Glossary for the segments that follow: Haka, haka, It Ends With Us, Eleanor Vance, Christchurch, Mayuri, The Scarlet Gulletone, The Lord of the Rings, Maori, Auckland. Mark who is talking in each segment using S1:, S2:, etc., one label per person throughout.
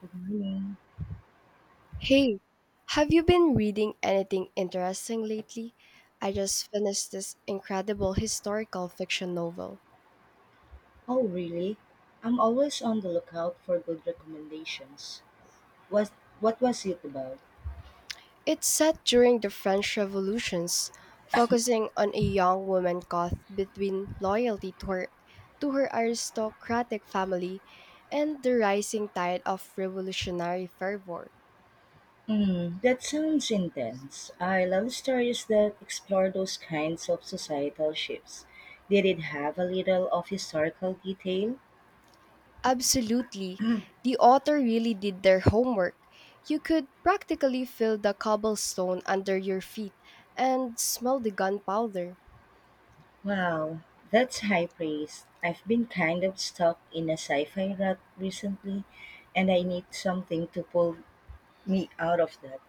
S1: Good morning.
S2: Hey, have you been reading anything interesting lately? I just finished this incredible historical fiction novel.
S1: Oh, really? I'm always on the lookout for good recommendations. Was What was it about?
S2: It's set during the French Revolutions, focusing on a young woman caught between loyalty to her aristocratic family and the rising tide of revolutionary fervor.
S1: Hmm, that sounds intense. I love stories that explore those kinds of societal shifts. Did it have a little of historical detail?
S2: Absolutely. The author really did their homework. You could practically feel the cobblestone under your feet and smell the gunpowder.
S1: Wow, that's high praise. I've been kind of stuck in a sci-fi rut recently, and I need something to pull me out of that.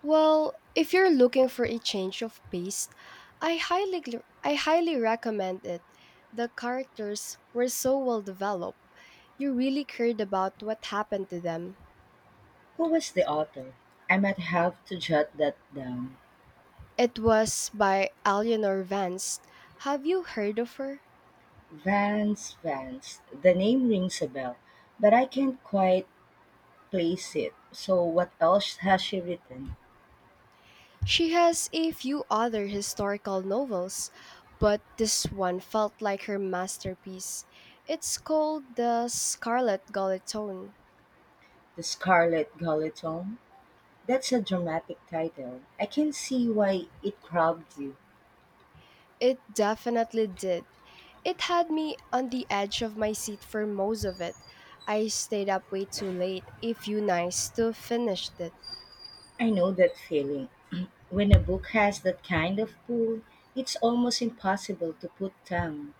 S2: Well, if you're looking for a change of pace, I highly I highly recommend it. The characters were so well developed. You really cared about what happened to them.
S1: Who was the author? I might have to jot that down.
S2: It was by Eleanor Vance. Have you heard of her?
S1: Vance. The name rings a bell, but I can't quite place it. So, what else has she written?
S2: She has a few other historical novels, but this one felt like her masterpiece. It's called The Scarlet Gulletone.
S1: The Scarlet Guillotine? That's a dramatic title. I can see why it grabbed you.
S2: It definitely did. It had me on the edge of my seat for most of it. I stayed up way too late a few nights to finish it.
S1: I know that feeling. When a book has that kind of pull, it's almost impossible to put down.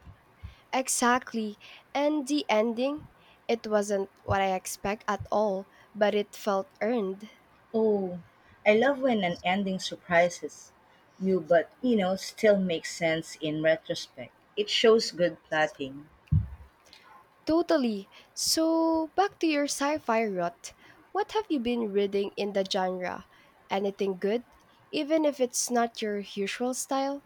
S2: Exactly. And the ending? It wasn't what I expect at all, but it felt earned.
S1: Oh, I love when an ending surprises you, but still makes sense in retrospect. It shows good plotting.
S2: Totally. So, back to your sci fi rut. What have you been reading in the genre? Anything good? Even if it's not your usual style?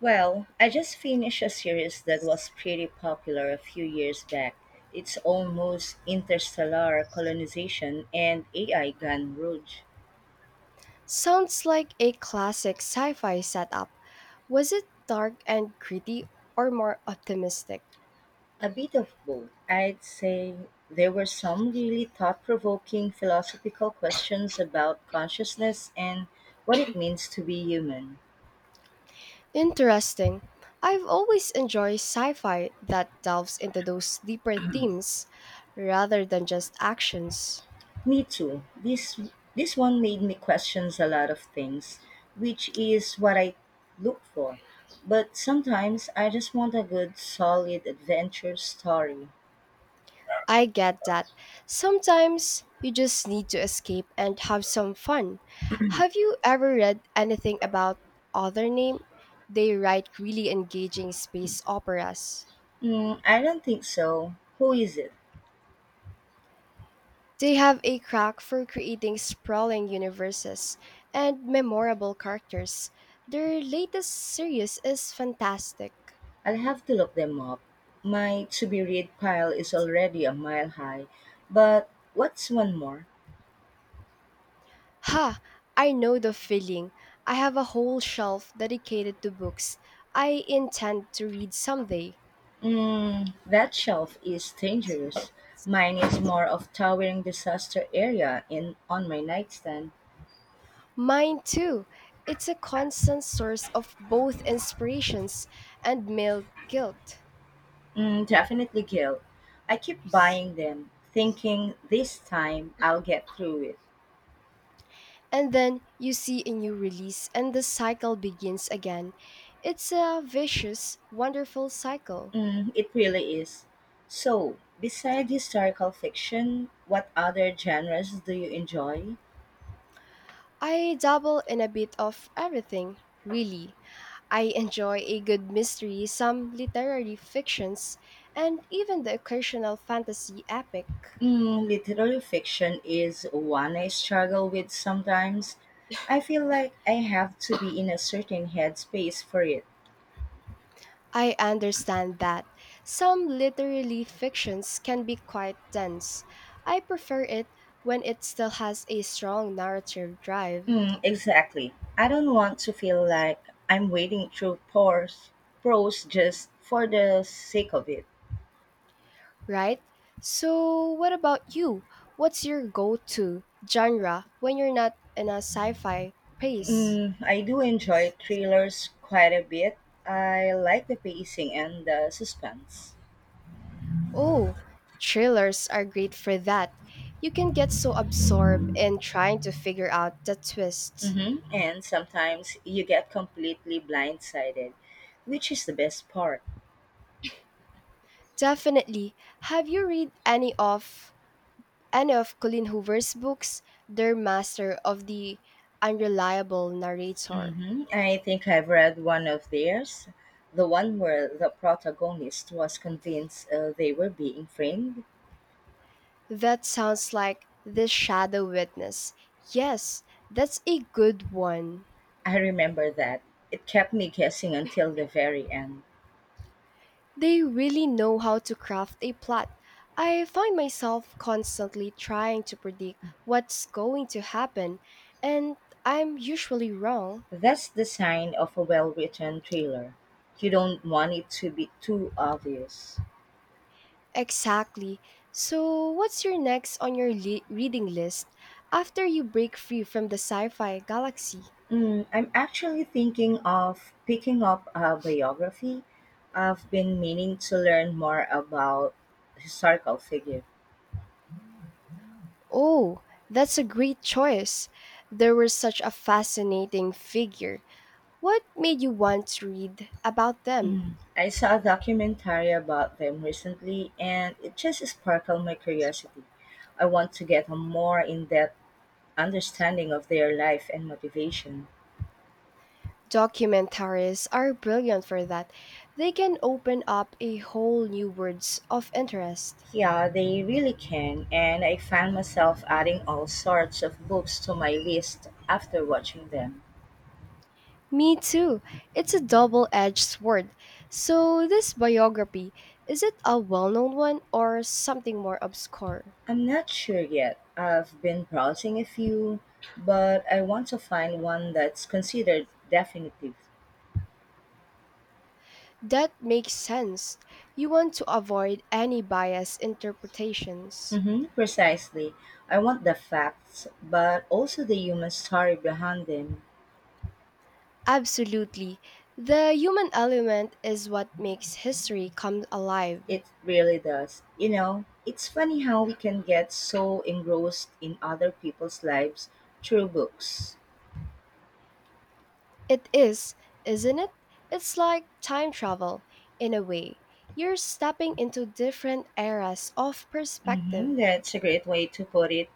S1: Well, I just finished a series that was pretty popular a few years back. It's almost interstellar colonization and AI gun rogue.
S2: Sounds like a classic sci fi setup. Was it dark and gritty or more optimistic?
S1: A bit of both. I'd say there were some really thought provoking philosophical questions about consciousness and what it means to be human.
S2: Interesting. I've always enjoyed sci fi that delves into those deeper themes rather than just actions.
S1: Me too. This one made me questions a lot of things, which is what I look for. But sometimes I just want a good, solid adventure story.
S2: I get that. Sometimes you just need to escape and have some fun. Have you ever read anything about Other Name? They write really engaging space operas.
S1: Mm, I don't think so. Who is it?
S2: They have a crack for creating sprawling universes and memorable characters. Their latest series is fantastic.
S1: I'll have to look them up. My to be read pile is already a mile high, but what's one more?
S2: Ha! I know the feeling. I have a whole shelf dedicated to books I intend to read someday.
S1: Mm, that shelf is dangerous. Mine is more of towering disaster area in on my nightstand.
S2: Mine too. It's a constant source of both inspirations and male guilt.
S1: Mm, definitely guilt. I keep buying them, thinking this time I'll get through it.
S2: And then you see a new release and the cycle begins again. It's a vicious, wonderful cycle.
S1: Mm, it really is. So, beside historical fiction, what other genres do you enjoy?
S2: I dabble in a bit of everything, really. I enjoy a good mystery, some literary fictions, and even the occasional fantasy epic.
S1: Mm, literary fiction is one I struggle with sometimes. I feel like I have to be in a certain headspace for it.
S2: I understand that. Some literary fictions can be quite dense. I prefer it when it still has a strong narrative drive,
S1: Mm, exactly. I don't want to feel like I'm wading through prose just for the sake of it.
S2: right? So, what about you? What's your go to genre when you're not in a sci fi pace?
S1: Mm, I do enjoy thrillers quite a bit. I like the pacing and the suspense.
S2: Oh, thrillers are great for that. You can get so absorbed in trying to figure out the twist.
S1: Hmm. And sometimes you get completely blindsided, which is the best part.
S2: Definitely. Have you read any of Colleen Hoover's books, they're master of the unreliable narrator.
S1: Hmm. I think I've read one of theirs, the one where the protagonist was convinced they were being framed.
S2: That sounds like the shadow witness. Yes, that's a good one.
S1: I remember that. It kept me guessing until the very end.
S2: They really know how to craft a plot. I find myself constantly trying to predict what's going to happen, and I'm usually wrong.
S1: That's the sign of a well written thriller. You don't want it to be too obvious.
S2: Exactly. So, what's your next on your reading list after you break free from the sci fi galaxy?
S1: Mm, I'm actually thinking of picking up a biography. I've been meaning to learn more about historical figure.
S2: Oh, that's a great choice. They were such a fascinating figure. What made you want to read about
S1: Mhm.
S2: them?
S1: I saw a documentary about them recently and it just sparkled my curiosity. I want to get a more in-depth understanding of their life and motivation.
S2: Documentaries are brilliant for that. They can open up a whole new worlds of interest.
S1: Yeah, they really can, and I found myself adding all sorts of books to my list after watching them.
S2: Me too. It's a double-edged sword. So this biography, is it a well-known one or something more obscure?
S1: I'm not sure yet. I've been browsing a few, but I want to find one that's considered definitive.
S2: That makes sense. You want to avoid any biased interpretations.
S1: Hmm, precisely. I want the facts, but also the human story behind them.
S2: Absolutely. The human element is what makes history come alive.
S1: It really does. You know, it's funny how we can get so engrossed in other people's lives through books.
S2: It is, isn't it? It's like time travel, in a way. You're stepping into different eras of
S1: Hmm,
S2: perspective.
S1: that's a great way to put it.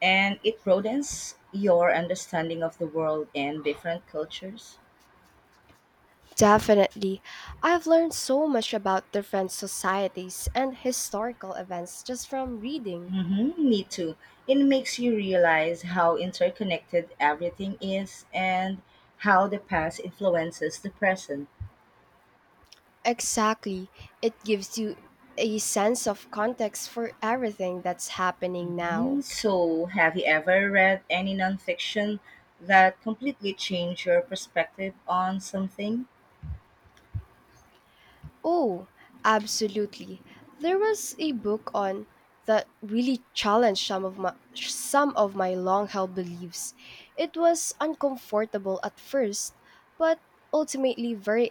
S1: And it broadens your understanding of the world and different cultures.
S2: Definitely. I've learned so much about different societies and historical events just from reading.
S1: Hmm, me too. It makes you realize how interconnected everything is and how the past influences the present.
S2: Exactly. It gives you a sense of context for everything that's happening
S1: Hmm.
S2: now.
S1: So, have you ever read any nonfiction that completely changed your perspective on something?
S2: Oh, absolutely. There was a book on that really challenged some of my long-held beliefs. It was uncomfortable at first, but ultimately very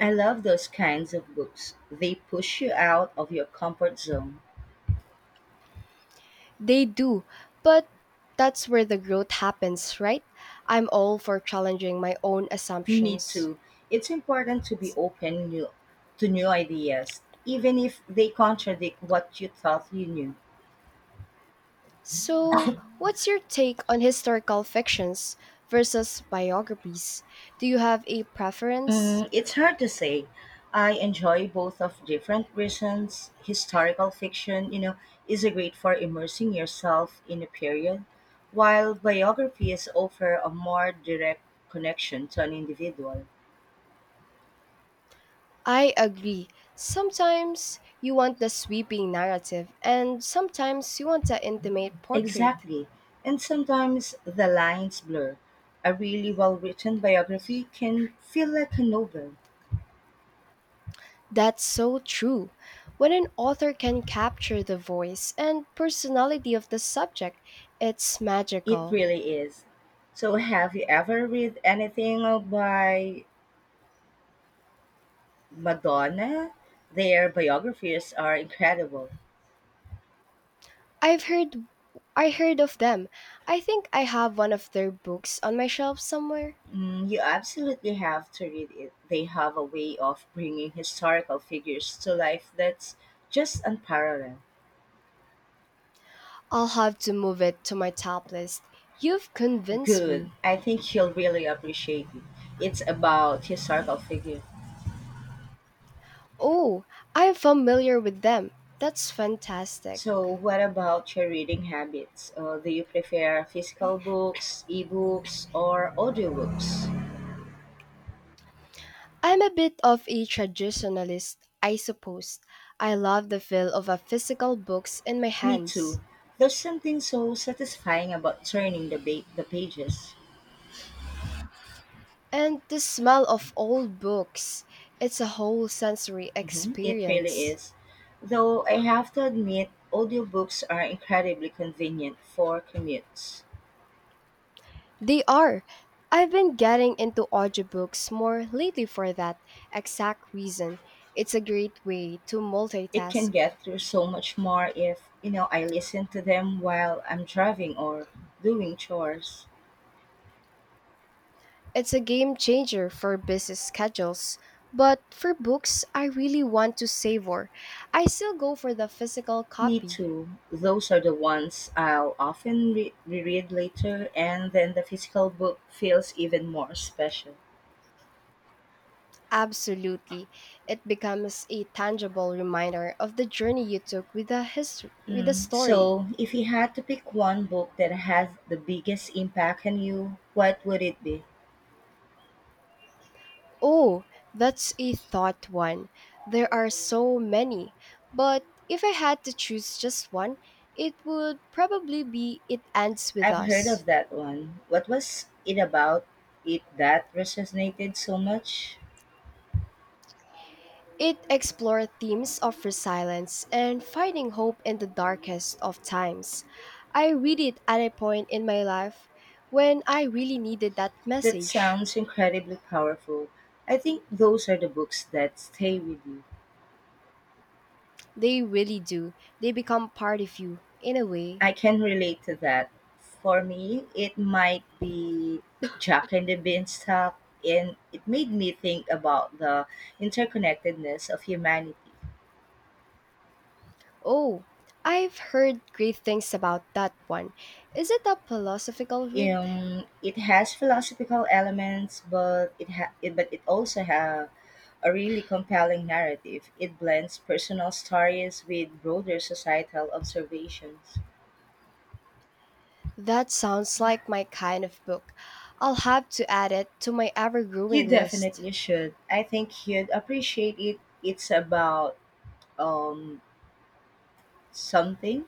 S1: I love those kinds of books. They push you out of your comfort zone.
S2: They do, but that's where the growth happens, right? I'm all for challenging my own
S1: Me
S2: assumptions.
S1: too. It's important to be to new ideas, even if they contradict what you thought you knew.
S2: So, what's your take on historical fictions versus biographies? Do you have a preference?
S1: Mm, it's hard to say. I enjoy both of different reasons. Historical fiction, is a great for immersing yourself in a period, while biographies offer a more direct connection to an individual.
S2: I agree. Sometimes you want the sweeping narrative, and sometimes you want the intimate portrait.
S1: Exactly. And sometimes the lines blur. A really well written biography can feel like a novel.
S2: That's so true. When an author can capture the voice and personality of the subject, it's
S1: It
S2: magical.
S1: really is. So, have you ever read anything by Madonna, their biographies are incredible.
S2: I've heard I heard of them. I think I have one of their books on my shelf somewhere.
S1: Mm, you absolutely have to read it. They have a way of bringing historical figures to life that's just unparalleled.
S2: I'll have to move it to my top list. You've convinced
S1: Good.
S2: me.
S1: I think you'll really appreciate it. It's about historical figure.
S2: Oh, I'm familiar with them. That's fantastic.
S1: So, what about your reading habits? Do you prefer physical books, ebooks, or audiobooks?
S2: I'm a bit of a traditionalist, I suppose. I love the feel of a physical books in my
S1: Me
S2: hands.
S1: too. There's something so satisfying about turning the pages.
S2: And the smell of old books. It's a whole sensory
S1: Hmm. It really
S2: experience.
S1: is. Though I have to admit, audiobooks are incredibly convenient for commutes.
S2: They are. I've been getting into audiobooks more lately for that exact reason. It's a great way to
S1: It
S2: multitask.
S1: can get through so much more if I listen to them while I'm driving or doing chores.
S2: It's a game changer for busy schedules. But for books I really want to savor, I still go for the physical
S1: Me
S2: copy.
S1: too. Those are the ones I'll often reread later, and then the physical book feels even more special.
S2: Absolutely. It becomes a tangible reminder of the journey you took with a history with a
S1: Mm.
S2: story.
S1: So, if you had to pick one book that has the biggest impact on you, what would it be?
S2: Oh, that's a thought one. There are so many. But if I had to choose just one, it would probably be It Ends With
S1: I've heard
S2: Us.
S1: of that one. What was it about it that resonated so much?
S2: It explored themes of resilience and finding hope in the darkest of times. I read it at a point in my life when I really needed that
S1: That
S2: message.
S1: sounds incredibly powerful. I think those are the books that stay with you.
S2: They really do. They become part of you, in a way.
S1: I can relate to that. For me, it might be Jack and the Beanstalk, and it made me think about the interconnectedness of humanity.
S2: Oh, I've heard great things about that one. Is it a philosophical read?
S1: It has philosophical elements, but it also has a really compelling narrative. It blends personal stories with broader societal observations.
S2: That sounds like my kind of book. I'll have to add it to my ever growing
S1: You
S2: list.
S1: definitely should. I think you'd appreciate it. It's about um something.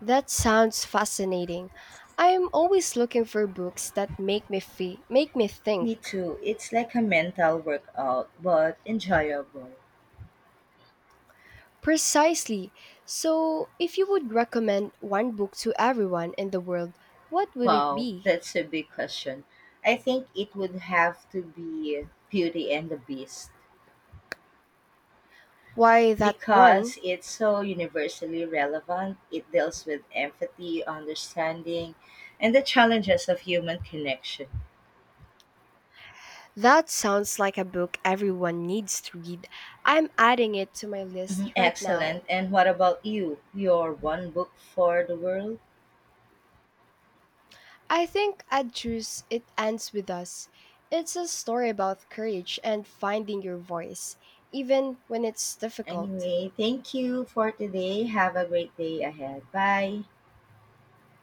S2: That sounds fascinating. I'm always looking for books that make me make me
S1: Me
S2: think.
S1: too. It's like a mental workout, but enjoyable.
S2: Precisely. So, if you would recommend one book to everyone in the world, what would it
S1: Wow,
S2: be?
S1: that's a big question. I think it would have to be Beauty and the Beast.
S2: Why that one?
S1: Because it's so universally relevant. It deals with empathy, understanding, and the challenges of human connection.
S2: That sounds like a book everyone needs to read. I'm adding it to my
S1: Mhm.
S2: list right
S1: Excellent.
S2: now.
S1: And what about you? Your one book for the world?
S2: I think I'd choose It Ends With Us. It's a story about courage and finding your voice, even when it's difficult.
S1: Anyway, thank you for today. Have a great day ahead. Bye.